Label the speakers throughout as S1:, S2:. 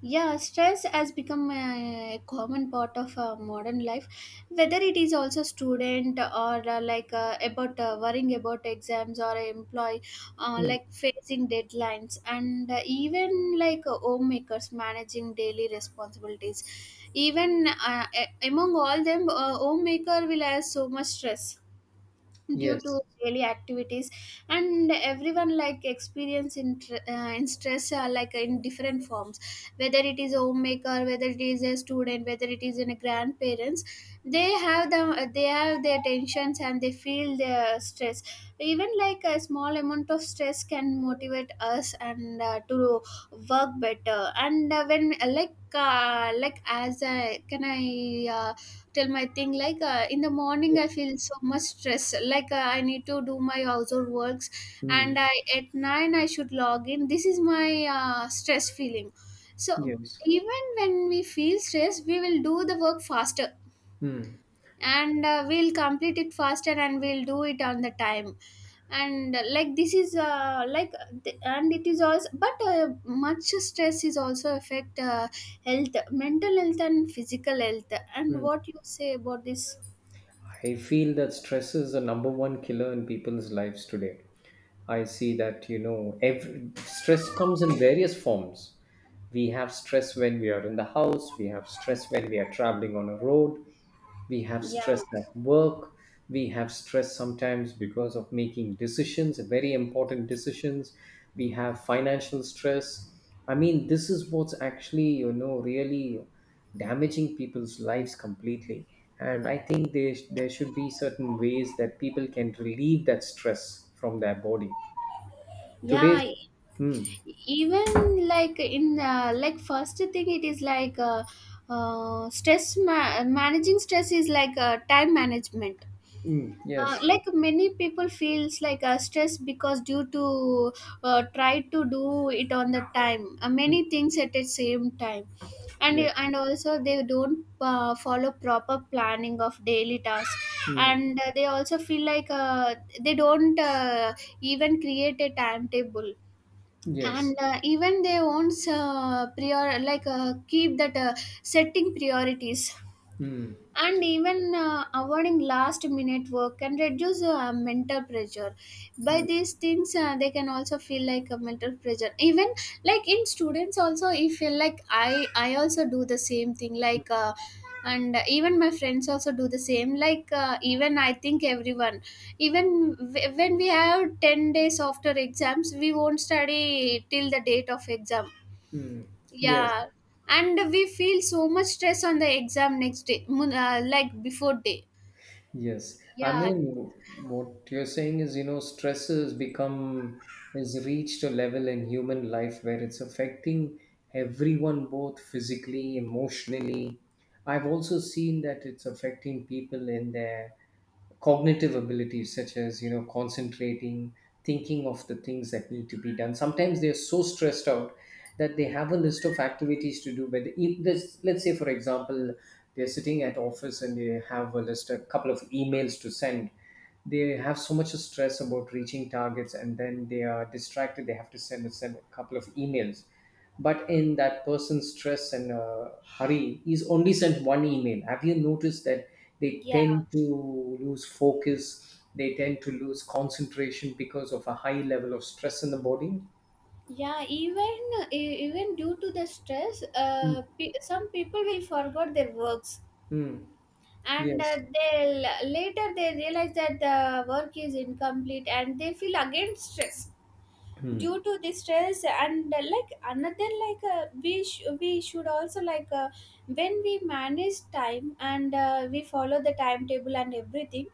S1: Yeah, stress has become a common part of modern life. Whether it is also student or like about worrying about exams or employee,
S2: Mm,
S1: facing deadlines, and even like homemakers managing daily responsibilities. Even among all them, homemaker will have so much stress due to
S2: yes,
S1: daily activities, and everyone like experience in, in stress like in different forms, whether it is a homemaker, whether it is a student, whether it is in a grandparents. They have the they have their tensions, and they feel their stress. Even like a small amount of stress can motivate us and to work better. And when like as I tell my thing, like in the morning I
S2: yes,
S1: feel so much stress, like I need to do my household works, and
S2: mm,
S1: I at 9 I should log in, this is my stress feeling. So
S2: yes.
S1: even when we feel stress we will do the work faster,
S2: Mm,
S1: and we'll complete it faster, and we'll do it on the time. And like this is like th- and it is also, but much stress is also affect health, mental health and physical health. And
S2: mm.
S1: what you say about this?
S2: I feel that stress is the number one killer in people's lives today. I see that, you know, stress comes in various forms. We have stress when we are in the house, we have stress when we are traveling on a road, we have
S1: Yeah.
S2: stress at work, we have stress sometimes because of making decisions, very important decisions. We have financial stress. I mean, this is what's actually, you know, really damaging people's lives completely. And I think there should be certain ways that people can relieve that stress from their body
S1: yeah
S2: today.
S1: e-
S2: Mm.
S1: Even like in first thing it is like stress managing stress is like time management.
S2: Mm.
S1: Uh,
S2: Yes.
S1: like many people feels like stress because due to try to do it on the time,
S2: Mm.
S1: many things at the same time. and
S2: Yes.
S1: and also they don't follow proper planning of daily tasks.
S2: Mm.
S1: And they also feel like they don't even create a timetable. And
S2: Yes.
S1: even they won't prior like keep that setting priorities.
S2: Mm.
S1: And even avoiding last minute work can reduce mental pressure. By
S2: Mm.
S1: these things they can also feel like a mental pressure even like in students also. I feel like i also do the same thing, like and even my friends also do the same, like even I think everyone, even when we have 10 days after exams we won't study till the date of exam,
S2: Mm. Yes.
S1: yeah, and we feel so much stress on the exam next day, like before day.
S2: Yes, I
S1: Yeah.
S2: mean, what you're saying is, you know, stress has reached a level in human life where it's affecting everyone, both physically, emotionally. I've also seen that it's affecting people in their cognitive abilities, such as, you know, concentrating, thinking of the things that need to be done. Sometimes they're so stressed out that they have a list of activities to do, but if this, let's say for example, they're sitting at office and they have a list, a couple of emails to send. They have so much stress about reaching targets and then they are distracted. They have to send a couple of emails, but in that person's stress and hurry, he's only sent one email. Have you noticed that they
S1: Yeah,
S2: tend to lose focus, they tend to lose concentration because of a high level of stress in the body?
S1: yeah. Even even due to the stress,
S2: Mm.
S1: some people will forget their works,
S2: Mm.
S1: and
S2: Yes.
S1: they later they realize that the work is incomplete, and they feel again stressed due
S2: Hmm.
S1: to the stress. And like another, like we should also, like when we manage time and we follow the timetable and everything,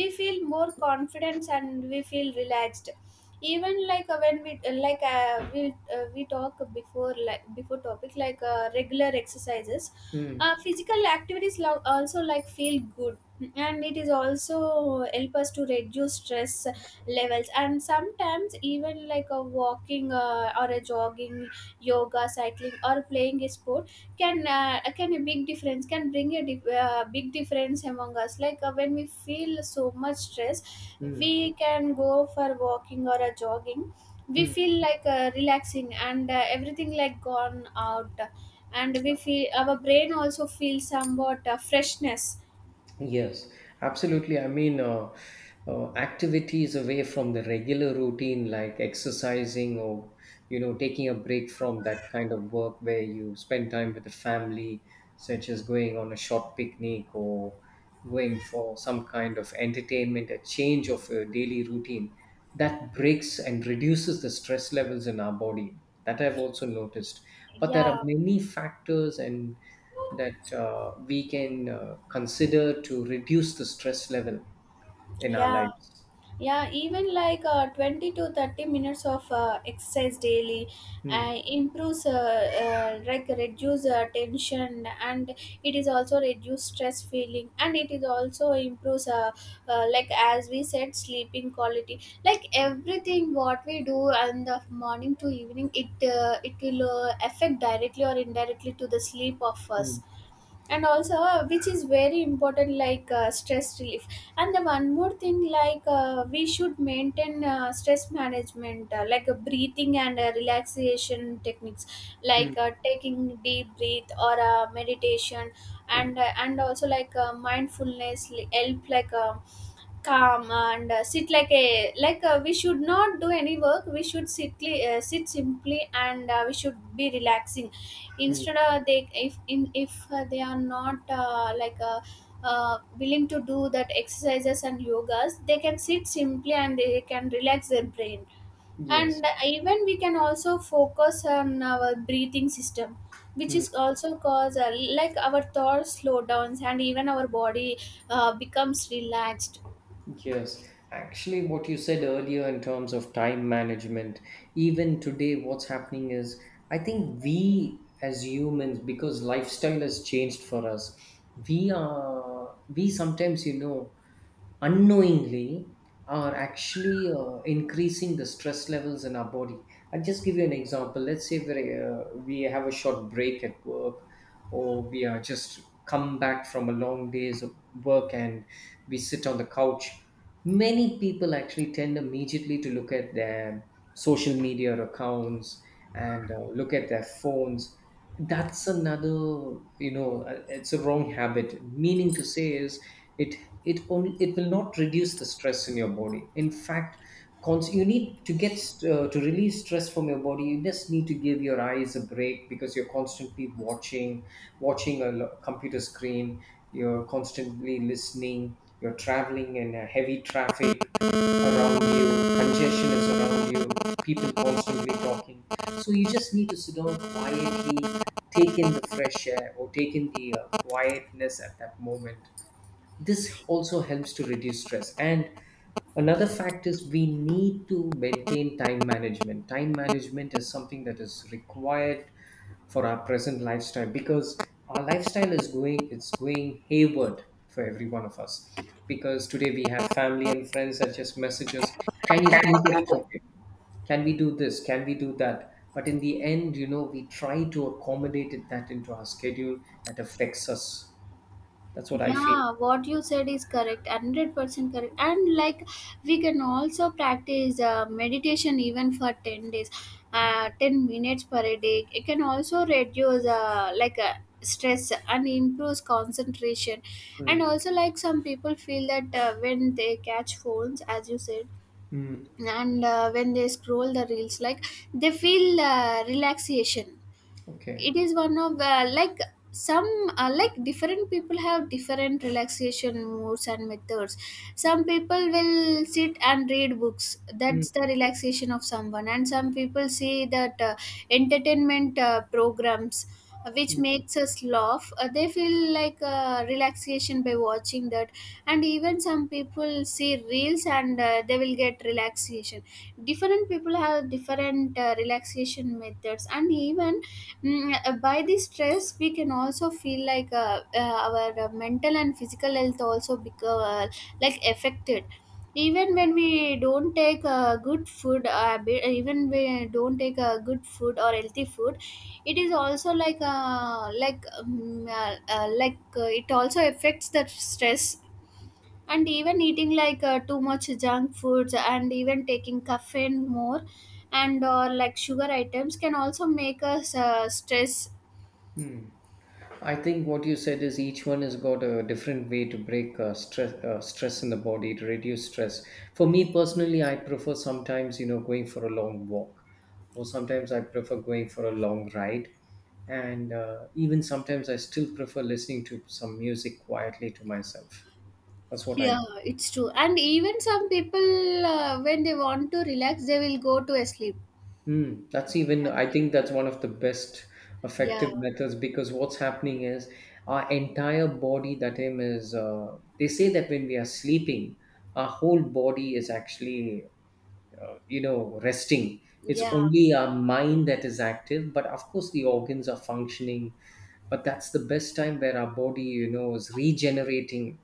S1: we feel more confidence and we feel relaxed. Even like when we like we talk before like before topic, like regular exercises,
S2: Hmm.
S1: physical activities also like feel good, and it is also help us to reduce stress levels. And sometimes even like a walking or a jogging, yoga, cycling, or playing a sport can a big difference can bring a big difference among us. Like when we feel so much stress
S2: Hmm.
S1: we can go for walking or a jogging, we
S2: Hmm.
S1: feel like relaxing and everything like gone out, and we feel our brain also feels somewhat freshness.
S2: Yes, absolutely. I mean, activities away from the regular routine, like exercising or, you know, taking a break from that kind of work where you spend time with the family, such as going on a short picnic or going for some kind of entertainment, a change of your daily routine, that breaks and reduces the stress levels in our body. That I've also noticed. But there are
S1: Yeah.
S2: many factors and that we can consider to reduce the stress level in our
S1: yeah
S2: lives.
S1: Yeah, even like 20 to 30 minutes of exercise daily
S2: Mm.
S1: improves, like reduce tension, and it is also reduce stress feeling, and it is also improves, like as we said, sleeping quality. Like
S2: Mm.
S1: everything what we do and the morning to evening, it will affect directly or indirectly to the sleep of us,
S2: Mm.
S1: and also which is very important, like stress relief. And the one more thing, like we should maintain stress management, breathing and relaxation techniques, like taking deep breath or meditation. And also like mindfulness help like calm and sit, like a like we should not do any work, we should sit simply, and we should be relaxing.
S2: Mm.
S1: Instead of they if in if they are not willing to do that exercises and yogas, they can sit simply and they can relax their brain.
S2: Yes.
S1: And even we can also focus on our breathing system, which
S2: Mm,
S1: is also cause like our thoughts slow downs, and even our body becomes relaxed.
S2: yes. Actually, what you said earlier in terms of time management, even today, what's happening is I think we as humans, because lifestyle has changed for us, we sometimes, you know, unknowingly are actually increasing the stress levels in our body. I'll just give you an example. Let's say we have a short break at work, or we are just come back from a long day's of work and we sit on the couch. Many people actually tend immediately to look at their social media accounts and look at their phones. That's another, you know, it's a wrong habit. Meaning to say is it it only it will not reduce the stress in your body. In fact, you need to release stress from your body. You just need to give your eyes a break because you're constantly watching a computer screen, you're constantly listening, you're traveling in a heavy traffic around you, congestion is around you, people constantly talking. So you just need to sit down quietly, take in the fresh air or take in the quietness at that moment. This also helps to reduce stress. And another fact is we need to maintain time management. Time management is something that is required for our present lifestyle because our lifestyle is going, it's going hayward for every one of us because today we have family and friends that just message us, can you
S1: That is
S2: meet up
S1: brutal.
S2: today, can we do this, can we do that? But in the end, you know, we try to accommodate that into our schedule. That affects us. That's what I feel.
S1: Yeah, what you said is correct, 100% correct. And like we can also practice meditation even for 10 days, 10 minutes per day. It can also reduce stress and improves concentration. And also like some people feel that when they catch phones, as you said,
S2: Mm.
S1: and when they scroll the reels, like they feel relaxation. It
S2: Okay.
S1: is one of the like some, like different people have different relaxation moods and methods. Some people will sit and read books,
S2: Mm.
S1: that's the relaxation of someone. And some people see that entertainment programs which makes us laugh, they feel like relaxation by watching that. And even some people see reels and they will get relaxation. Different people have different relaxation methods. And even by the stress we can also feel like our mental and physical health also become like affected. Even when we don't take good food, even we don't take a good food or healthy food, it is also like it also affects the stress. And even eating like too much junk foods, and even taking caffeine more, and or like sugar items can also make us stress.
S2: Hmm. I think what you said is each one has got a different way to break stress in the body to reduce stress. For me personally, I prefer sometimes, you know, going for a long walk, or sometimes I prefer going for a long ride, and even sometimes I still prefer listening to some music quietly to myself. That's what I...
S1: Yeah, it's true. And even some people when they want to relax they will go to a sleep.
S2: Mm, that's even, I
S1: Yeah.
S2: think that's one of the best
S1: yeah
S2: effective methods because what's happening is our entire body, that time is, they say that when we are sleeping, our whole body is actually, you know, resting. It's
S1: yeah
S2: only our mind that is active, but of course the organs are functioning. But that's the best time where our body, you know, is regenerating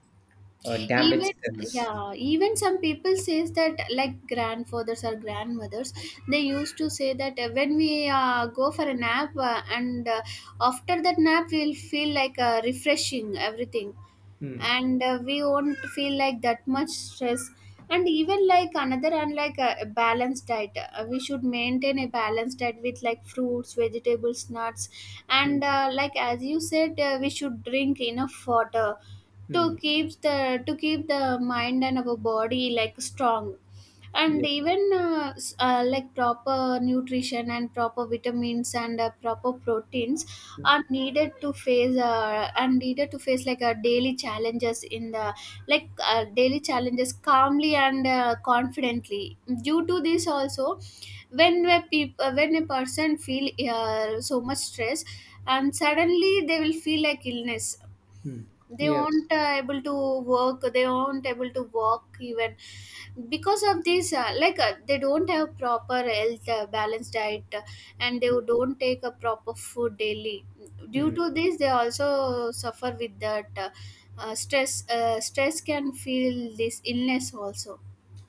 S2: damaged
S1: even
S2: cells.
S1: yeah Even some people says that like grandfathers or grandmothers, they used to say that when we go for a nap, and after that nap we'll feel like refreshing everything,
S2: Mm.
S1: and we won't feel like that much stress. And even like another, and like a balanced diet, we should maintain a balanced diet with like fruits, vegetables, nuts.
S2: Mm.
S1: And like as you said, we should drink enough water to
S2: Mm.
S1: keep the mind and our body like strong. And
S2: Yes.
S1: even like proper nutrition and proper vitamins and proper proteins
S2: Mm.
S1: are needed to face like daily challenges in the like daily challenges calmly and confidently. Due to this also, when a when a person feel so much stress, and suddenly they will feel like illness,
S2: Mm.
S1: they
S2: Yes.
S1: aren't able to work, they aren't able to walk even, because of this they don't have proper health, balanced diet, and they don't take a proper food daily. Due
S2: Mm.
S1: to this they also suffer with that stress can feel this illness also.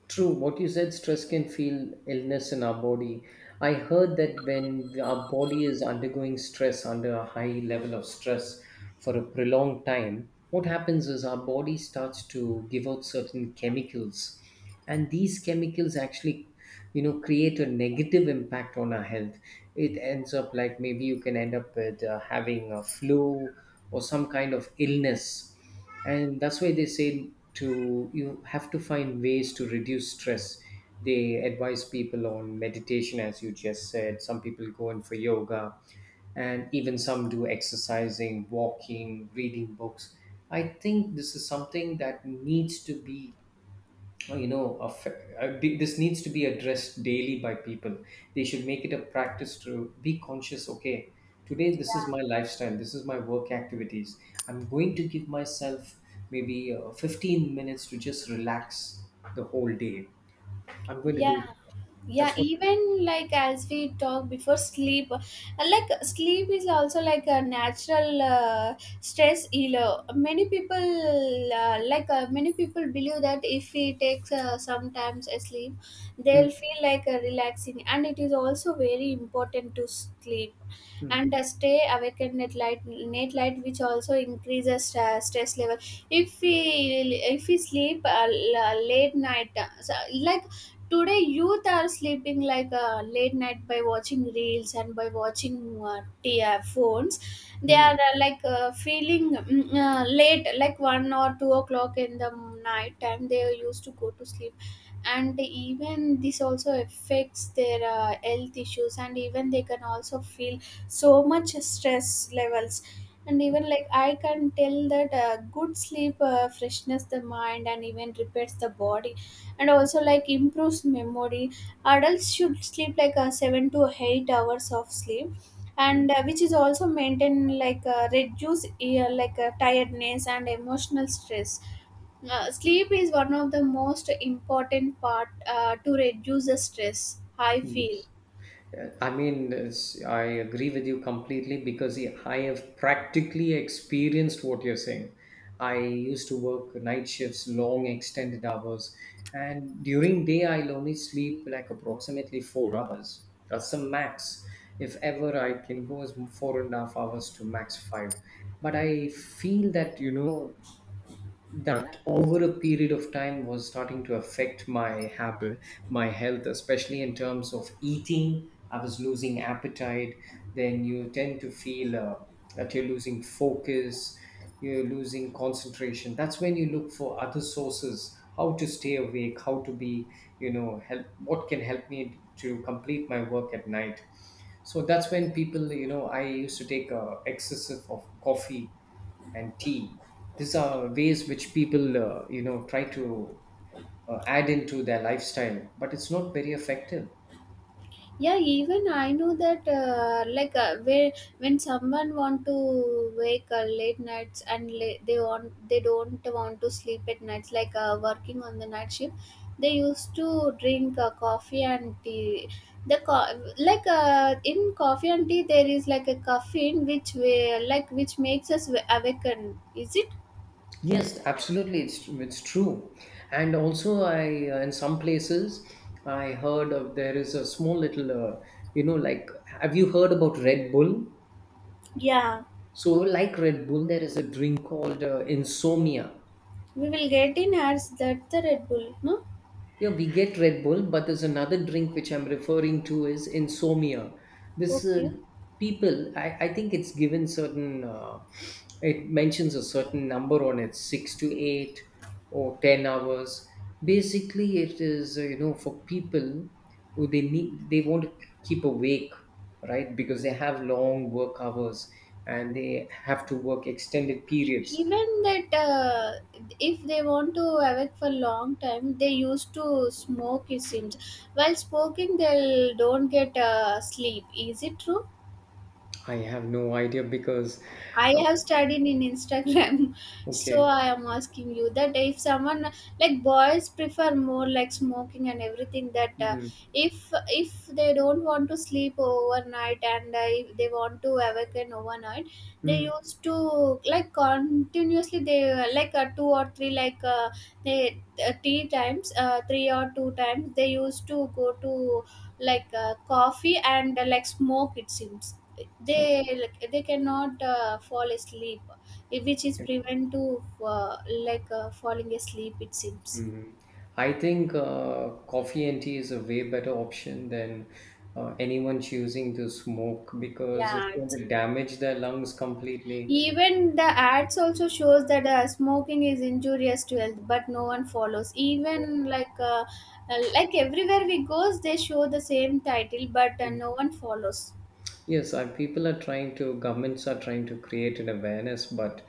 S2: True, what you said, stress can feel illness in our body. I heard that when our body is undergoing stress, under a high level of stress for a prolonged time, what happens is our body starts to give out certain chemicals. And these chemicals actually, you know, create a negative impact on our health. It ends up like maybe you can end up with having a flu or some kind of illness. And that's why they say to you have to find ways to reduce stress. They advise people on meditation. As you just said, some people go in for yoga and even some do exercising, walking, reading books. I think this is something that needs to be you know this needs to be addressed daily by people. They should make it a practice to be conscious. Okay, today this is
S1: yeah
S2: my lifestyle, this is my work activities. I'm going to give myself maybe 15 minutes to just relax the whole day. I'm going to do
S1: yeah
S2: that.
S1: Yeah,
S2: That's what...
S1: even like as we talk before sleep, like sleep is also like a natural stress healer. Many people many people believe that if we take sometimes a sleep they'll
S2: Mm.
S1: feel like a relaxing, and it is also very important to sleep. And stay awake at night light which also increases stress level. if we if we sleep late night, today, youth are sleeping like late night by watching reels and by watching phones. They are
S2: Mm.
S1: feeling late, like 1 or 2 o'clock in the night time. They used to go to sleep, and even this also affects their health issues, and even they can also feel so much stress levels. And even I can tell that good sleep freshness the mind and even repairs the body, and also improves memory. Adults should sleep 7 to 8 hours of sleep, and which is also maintain reduce tiredness and emotional stress. Sleep is one of the most important part to reduce the stress, I feel.
S2: Mm. I mean, I agree with you completely because yeah, I have practically experienced what you're saying. I used to work night shifts, long extended hours, and during day I'll only sleep like approximately 4 hours. That's the max. If ever I can go as 4.5 hours to max five. But I feel that, you know, that over a period of time was starting to affect my habit, my health, especially in terms of eating. I was losing appetite. Then you tend to feel that you're losing focus, you're losing concentration. That's when you look for other sources, how to stay awake, how to be, you know, help, what can help me to complete my work at night. So that's when people, you know, I used to take excessive of coffee and tea. These are ways which people, you know, try to add into their lifestyle, but it's not very effective.
S1: Yeah, even I know that where when someone want to wake late nights and they want they don't want to sleep at nights working on the night shift, they used to drink coffee and tea. The co- like In coffee and tea there is like a caffeine which we, like which makes us awaken, is it?
S2: Yes, absolutely, it's true. And also, I in some places I heard of there is a small little, you know, like, have you heard about Red Bull?
S1: Yeah.
S2: So, like Red Bull, there is a drink called insomnia.
S1: We will get in ads that the Red Bull, no?
S2: Yeah, we get Red Bull, but there's another drink which I'm referring to is insomnia. This
S1: Okay.
S2: people, I think it's given certain, it mentions a certain number on it, 6 to 8 or 10 hours. Basically, it is, you know, for people who they need, they want to keep awake, right? Because they have long work hours and they have to work extended periods.
S1: Even that if they want to awake for long time, they used to smoke, it seems. While smoking they will don't get sleep, is it true?
S2: I have no idea because,
S1: I
S2: uh,
S1: have studied in Instagram, so
S2: okay.
S1: I am asking you that if someone, like, boys prefer more like smoking and everything, that if they don't want to sleep overnight, and if they want to awaken overnight, they
S2: Mm.
S1: used to, like, continuously they like two or three, they three times, three or two times, they used to go to, coffee, and smoke, it seems.
S2: Okay.
S1: They, like, they cannot fall asleep, which is prevent to uh, falling asleep, it seems.
S2: Mhm. I think coffee and tea is a way better option than anyone choosing to smoke because it's
S1: Yeah,
S2: going to damage their lungs completely.
S1: even the ads also shows that smoking is injurious to health, but no one follows. Even everywhere we goes they show the same title, but
S2: Mm.
S1: no one follows.
S2: Yes, people are trying to, governments are trying to create an awareness, but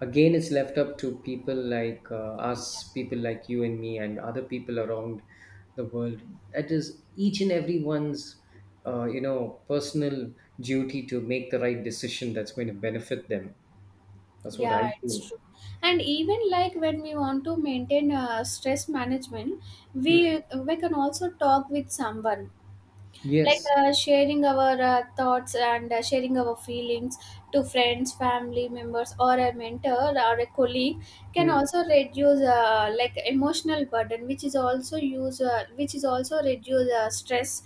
S2: again, it's left up to people like
S1: Yeah.
S2: us, people like you and me, and other people around the world. It is each and everyone's, you know, personal duty to make the right decision that's going to benefit them. That's what I
S1: Yeah,
S2: feel.
S1: it's true. And even, like, when we want to maintain stress management,
S2: Mm,
S1: we we can also talk with someone,
S2: yes.
S1: sharing our thoughts and sharing our feelings to friends, family members, or a mentor, or a colleague, can
S2: Mm.
S1: also reduce like emotional burden, which is also use which is also reduce stress.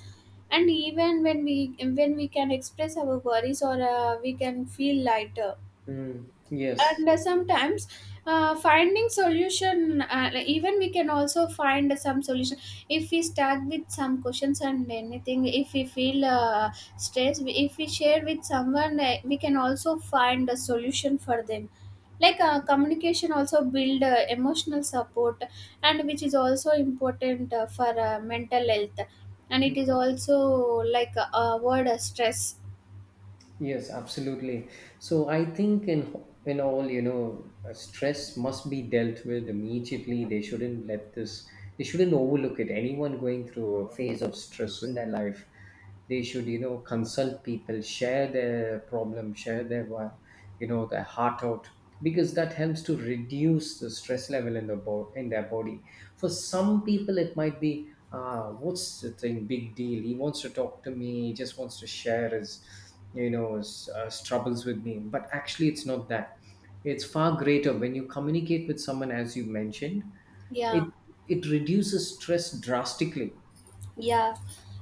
S1: And even when we can express our worries, or we can feel lighter.
S2: Mm, yes.
S1: And sometimes finding solution, even we can also find some solution. If we start with some questions and anything, if we feel stressed, if we share with someone, we can also find a solution for them. Communication also build emotional support, and which is also important for mental health. And it is also avoid stress.
S2: Yes, absolutely. So I think in all, you know, stress must be dealt with immediately. They shouldn't let this, they shouldn't overlook it. Anyone going through a phase of stress in their life, they should, you know, consult people, share their problem, share their why. You know, the heart out, because that helps to reduce the stress level in their body. For some people it might be, ah, what's the thing, big deal, he wants to talk to me, he just wants to share his, you know, his troubles with me, but actually it's not that. It's far greater when you communicate with someone. As you mentioned,
S1: Yeah.
S2: it it reduces stress drastically.
S1: Yeah.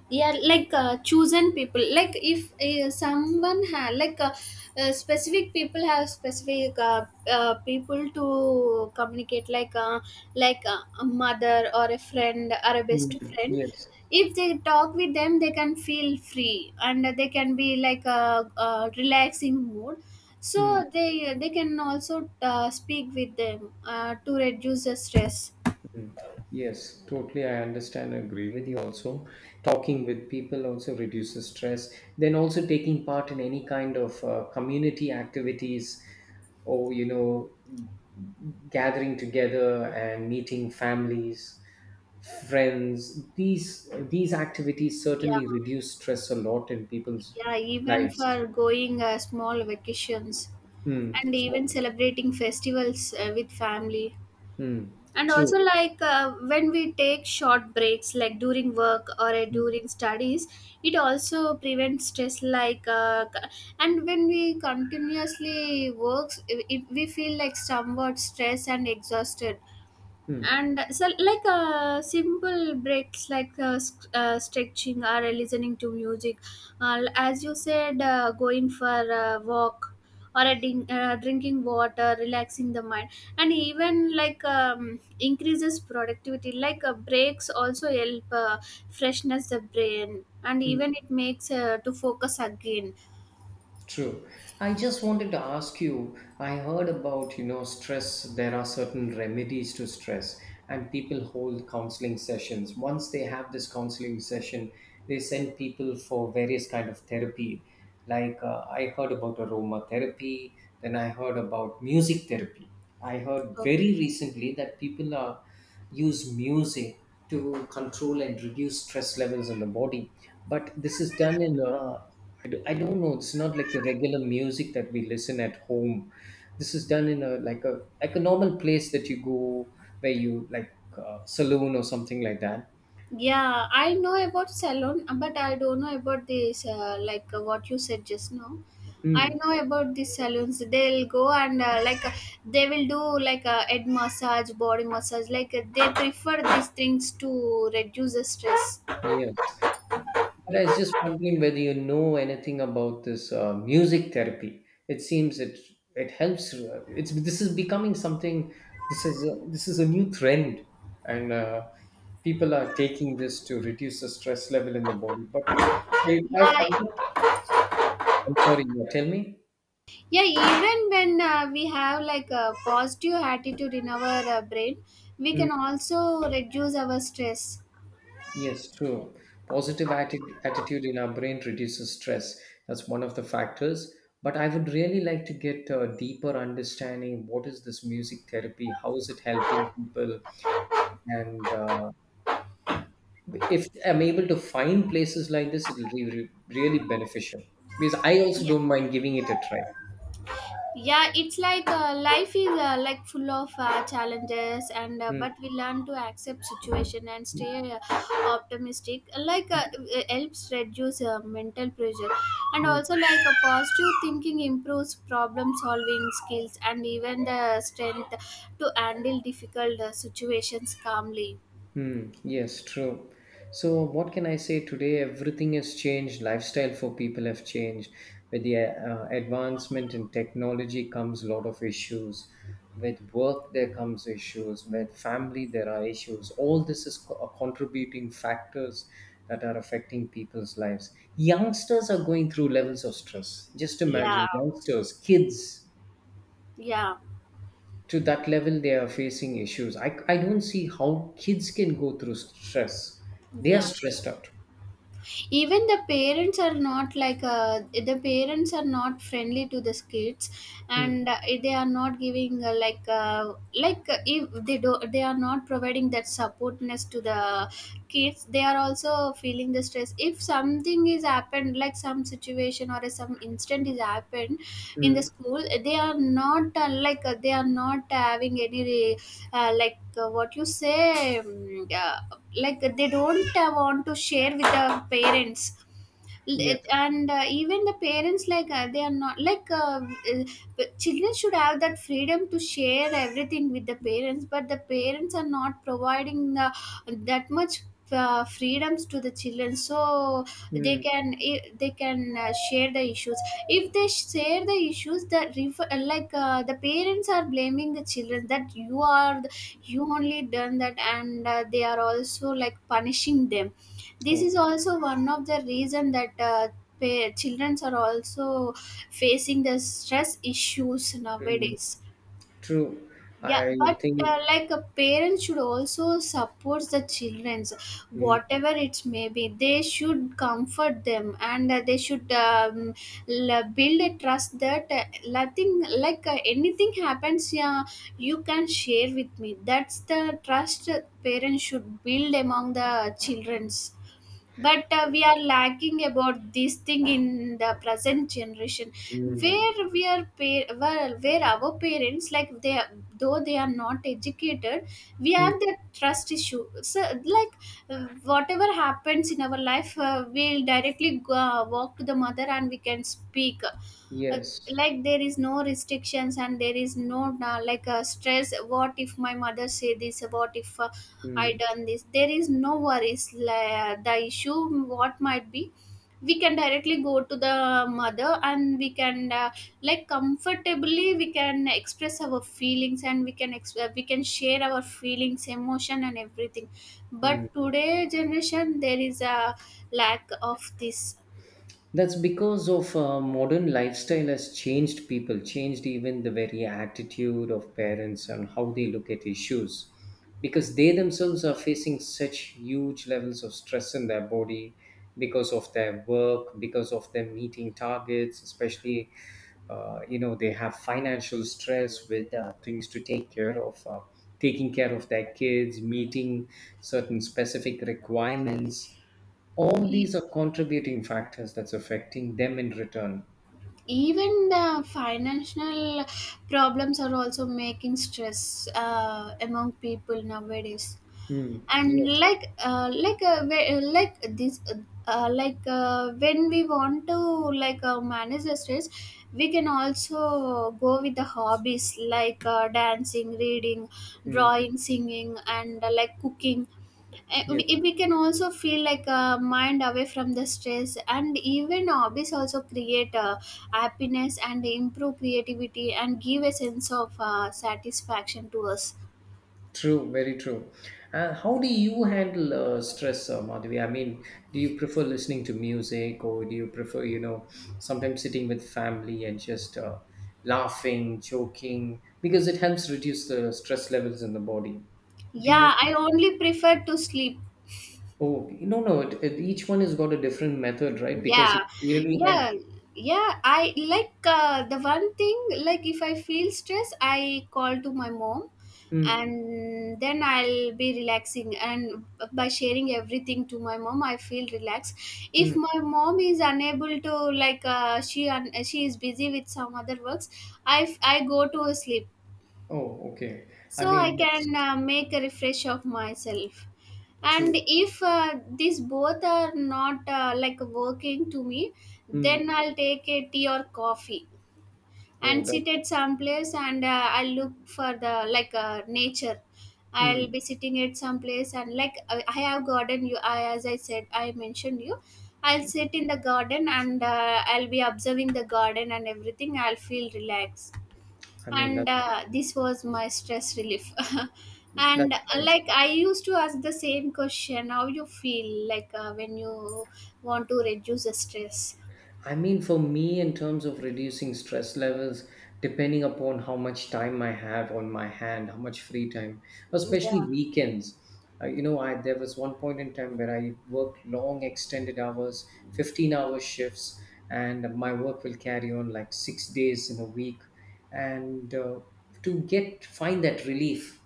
S1: Yeah, chosen people, like, if someone had specific people have specific people to communicate, a mother, or a friend, or a
S2: Mm,
S1: best friend.
S2: yes.
S1: If they talk with them, they can feel free, and they can be like a relaxing mood.
S2: Mm.
S1: So they can also speak with them to reduce the stress.
S2: Mm. Yes, totally. I understand. I agree with you also. Talking with people also reduces stress. Then also taking part in any kind of community activities or, you know, gathering together and meeting families, friends. These activities
S1: Yeah.
S2: certainly reduce stress a lot in people's
S1: Yeah, even
S2: lives.
S1: for going small vacations,
S2: Mm.
S1: and even
S2: Small.
S1: celebrating festivals with family.
S2: Mm.
S1: And
S2: True.
S1: also, when we take short breaks, like during work, or
S2: Mm.
S1: during studies, it also prevents stress. And when we continuously works, we feel like somewhat stressed and exhausted. And so, simple breaks like stretching, or listening to music, as you said, going for a walk, or drinking water, relaxing the mind. And even, increases productivity, breaks also help freshness the brain, and
S2: Mm.
S1: even it makes to focus again.
S2: True. I just wanted to ask you, I heard about, you know, stress. There are certain remedies to stress, and people hold counseling sessions. Once they have this counseling session, they send people for various kind of therapy. I heard about aroma therapy, then I heard about music therapy. I heard very recently that people are use music to control and reduce stress levels in the body, but this is done in I don't know. It's not like the regular music that we listen at home. This is done in a like a normal place that you go where you like saloon or something like that.
S1: Yeah, I know about salon, but I don't know about this, what you said just now. I
S2: Mm,
S1: know about these salons. They'll go and they will do like a head massage, body massage. They prefer these things to reduce the stress.
S2: yes, but I was just wondering whether you know anything about this music therapy. It seems it helps. It's this is becoming something. This is a new trend, and people are taking this to reduce the stress level in the body. But I've
S1: Yeah,
S2: not, I'm sorry. Yeah, tell me.
S1: yeah. Even when we have like a positive attitude in our brain, we
S2: Mm,
S1: can also reduce our stress.
S2: yes, true. Positive attitude in our brain reduces stress. That's one of the factors. But I would really like to get a deeper understanding what is this music therapy? How is it helping people? And if I'm able to find places like this, really beneficial because I also
S1: Yeah.
S2: don't mind giving it a try.
S1: Yeah, it's like life is full of challenges, and but
S2: Mm,
S1: we learn to accept situation and stay optimistic. It helps reduce mental pressure. And
S2: mm.
S1: also, like, a positive thinking improves problem solving skills, and even the strength to handle difficult situations calmly.
S2: Hmm, yes, true. So, what can I say today? Everything has changed. Lifestyle for people have changed. With the advancement in technology comes a lot of issues. With work, there comes issues. With family, there are issues. All this is contributing factors that are affecting people's lives. Youngsters are going through levels of stress. Just
S1: Yeah.
S2: imagine youngsters, kids
S1: Yeah.
S2: to that level they are facing issues I don't see how kids can go through stress they are
S1: Yeah,
S2: mm, stressed out.
S1: even the parents are not the parents are not friendly to the kids.
S2: Mm,
S1: And they are not giving if they do, they are not providing that supportness to the kids. They are also feeling the stress, if something is happened, like some situation or some incident is happened in the
S2: mm,
S1: school. They are not they are not having any what you say, like, they don't want to share with the parents.
S2: yes,
S1: L- and even the parents like they are not like children should have that freedom to share everything with the parents, but the parents are not providing the, that much freedoms to the children, so
S2: mm,
S1: they can share the issues. If they share the issues that refer, the parents are blaming the children that you are the, you only done that, and they are also like punishing them. This
S2: oh,
S1: is also one of the reason that childrens are also facing the stress issues
S2: mm,
S1: nowadays.
S2: true.
S1: Yeah,
S2: I
S1: but
S2: think
S1: like a parent should also support the childrens,
S2: mm,
S1: whatever it may be. They should comfort them, and they should, build a trust that nothing, anything happens. Yeah, you can share with me. That's the trust parents should build among the childrens. But we are lacking about this thing in the present generation, where
S2: mm,
S1: where our parents, they are, though they are not educated, we
S2: mm,
S1: have the trust issue. So, whatever happens in our life, we'll directly walk to the mother and we can speak. uh,
S2: yes,
S1: like there is no restrictions, and there is no stress, what if my mother say this, what if I
S2: mm,
S1: done this. There is no worries. Like, the issue what might be, we can directly go to the mother, and we can comfortably we can express our feelings, and we we can share our feelings, emotion, and everything.
S2: mm.
S1: But today generation there is a lack of this.
S2: That's because of modern lifestyle has changed people, changed even the very attitude of parents and how they look at issues. Because they themselves are facing such huge levels of stress in their body because of their work, because of them meeting targets, especially, you know, they have financial stress with things to take care of, taking care of their kids, meeting certain specific requirements all these are contributing factors that's affecting them in return.
S1: Even the financial problems are also making stress among people nowadays.
S2: Mm,
S1: And
S2: yes,
S1: like we- like this like when we want to, manage the stress, we can also go with the hobbies, dancing, reading,
S2: mm,
S1: drawing, singing, and like, cooking. Eh,
S2: yes,
S1: we can also feel like a mind away from the stress. And even hobbies also create happiness, and improve creativity, and give a sense of satisfaction to us.
S2: true, very true. How do you handle stress, Madhavi? I mean, do you prefer listening to music or do you prefer, you know, sometimes sitting with family and just laughing, joking? Because it helps reduce the stress levels in the body. Do you?
S1: Yeah, I only prefer to sleep.
S2: Oh, no, no, each one has got a different method, right? Because it
S1: Yeah.
S2: really
S1: Yeah.
S2: helps.
S1: Yeah, I like, the one thing, like, if I feel stress, I call to my mom,
S2: Mm,
S1: and then I'll be relaxing. And by sharing everything to my mom, I feel relaxed. If
S2: mm.
S1: my mom is unable to, she is busy with some other works, I go to sleep,
S2: Oh, okay. I
S1: so I
S2: mean, yes,
S1: can make a refresh of myself. And
S2: true.
S1: if these both are not working to me,
S2: Mm.
S1: then I'll take a tea or coffee,
S2: Oh,
S1: and sit
S2: that's,
S1: at some place, and I'll look for the nature. I'll
S2: mm.
S1: be sitting at some place, and I have garden, as I said, I mentioned you. I'll sit in the garden, and I'll be observing the garden and everything. I'll feel relaxed.
S2: I mean,
S1: And this was my stress relief. And
S2: that's nice.
S1: I used to ask the same question, how you feel when you want to reduce the stress.
S2: I mean, for me, in terms of reducing stress levels, depending upon how much time I have on my hand, how much free time,
S1: Yeah.
S2: especially weekends. I there was one point in time where I worked long, extended hours, 15-hour shifts, and my work will carry on like six days in a week. And To get find that relief.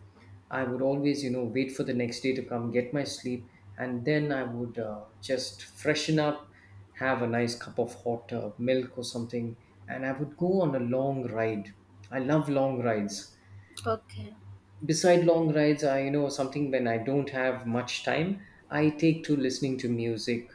S2: I would always, you know, wait for the next day to come, get my sleep, and then I would just freshen up, have a nice cup of hot milk or something, and I would go on a long ride. I love long rides.
S1: Okay.
S2: Beside long rides, I, you know, something when I don't have much time, I take to listening to music.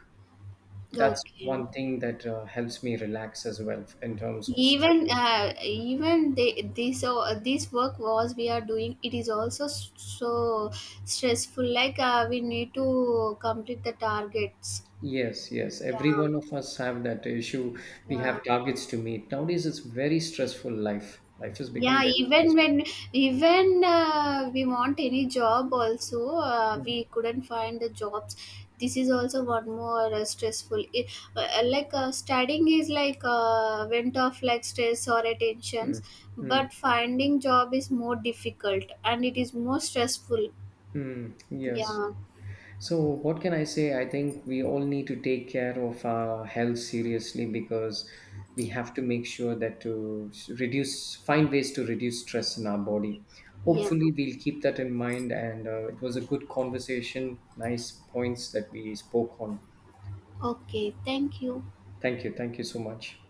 S2: That's
S1: Okay.
S2: one thing that helps me relax as well in terms of stress.
S1: Even they, this work was we are doing, it is also so stressful. We need to complete the targets.
S2: Yes, yes.
S1: Yeah.
S2: Every one of us have that issue. We
S1: Yeah.
S2: have targets to meet. Nowadays, it's very stressful life. Life has
S1: Yeah,
S2: become very
S1: even
S2: stressful.
S1: when even we want any job also,
S2: Mm,
S1: we couldn't find the jobs. This is also one more stressful, it, studying is went off like stress or
S2: mm,
S1: attentions,
S2: mm,
S1: but finding job is more difficult, and it is more stressful.
S2: mm. Yes.
S1: Yeah.
S2: So, what can I say? I think we all need to take care of our health seriously because we have to make sure that to reduce, find ways to reduce stress in our body.
S1: Yeah.
S2: Hopefully, we'll keep that in mind. And It was a good conversation. Nice points that we spoke on.
S1: Okay, thank you.
S2: Thank you. Thank you so much.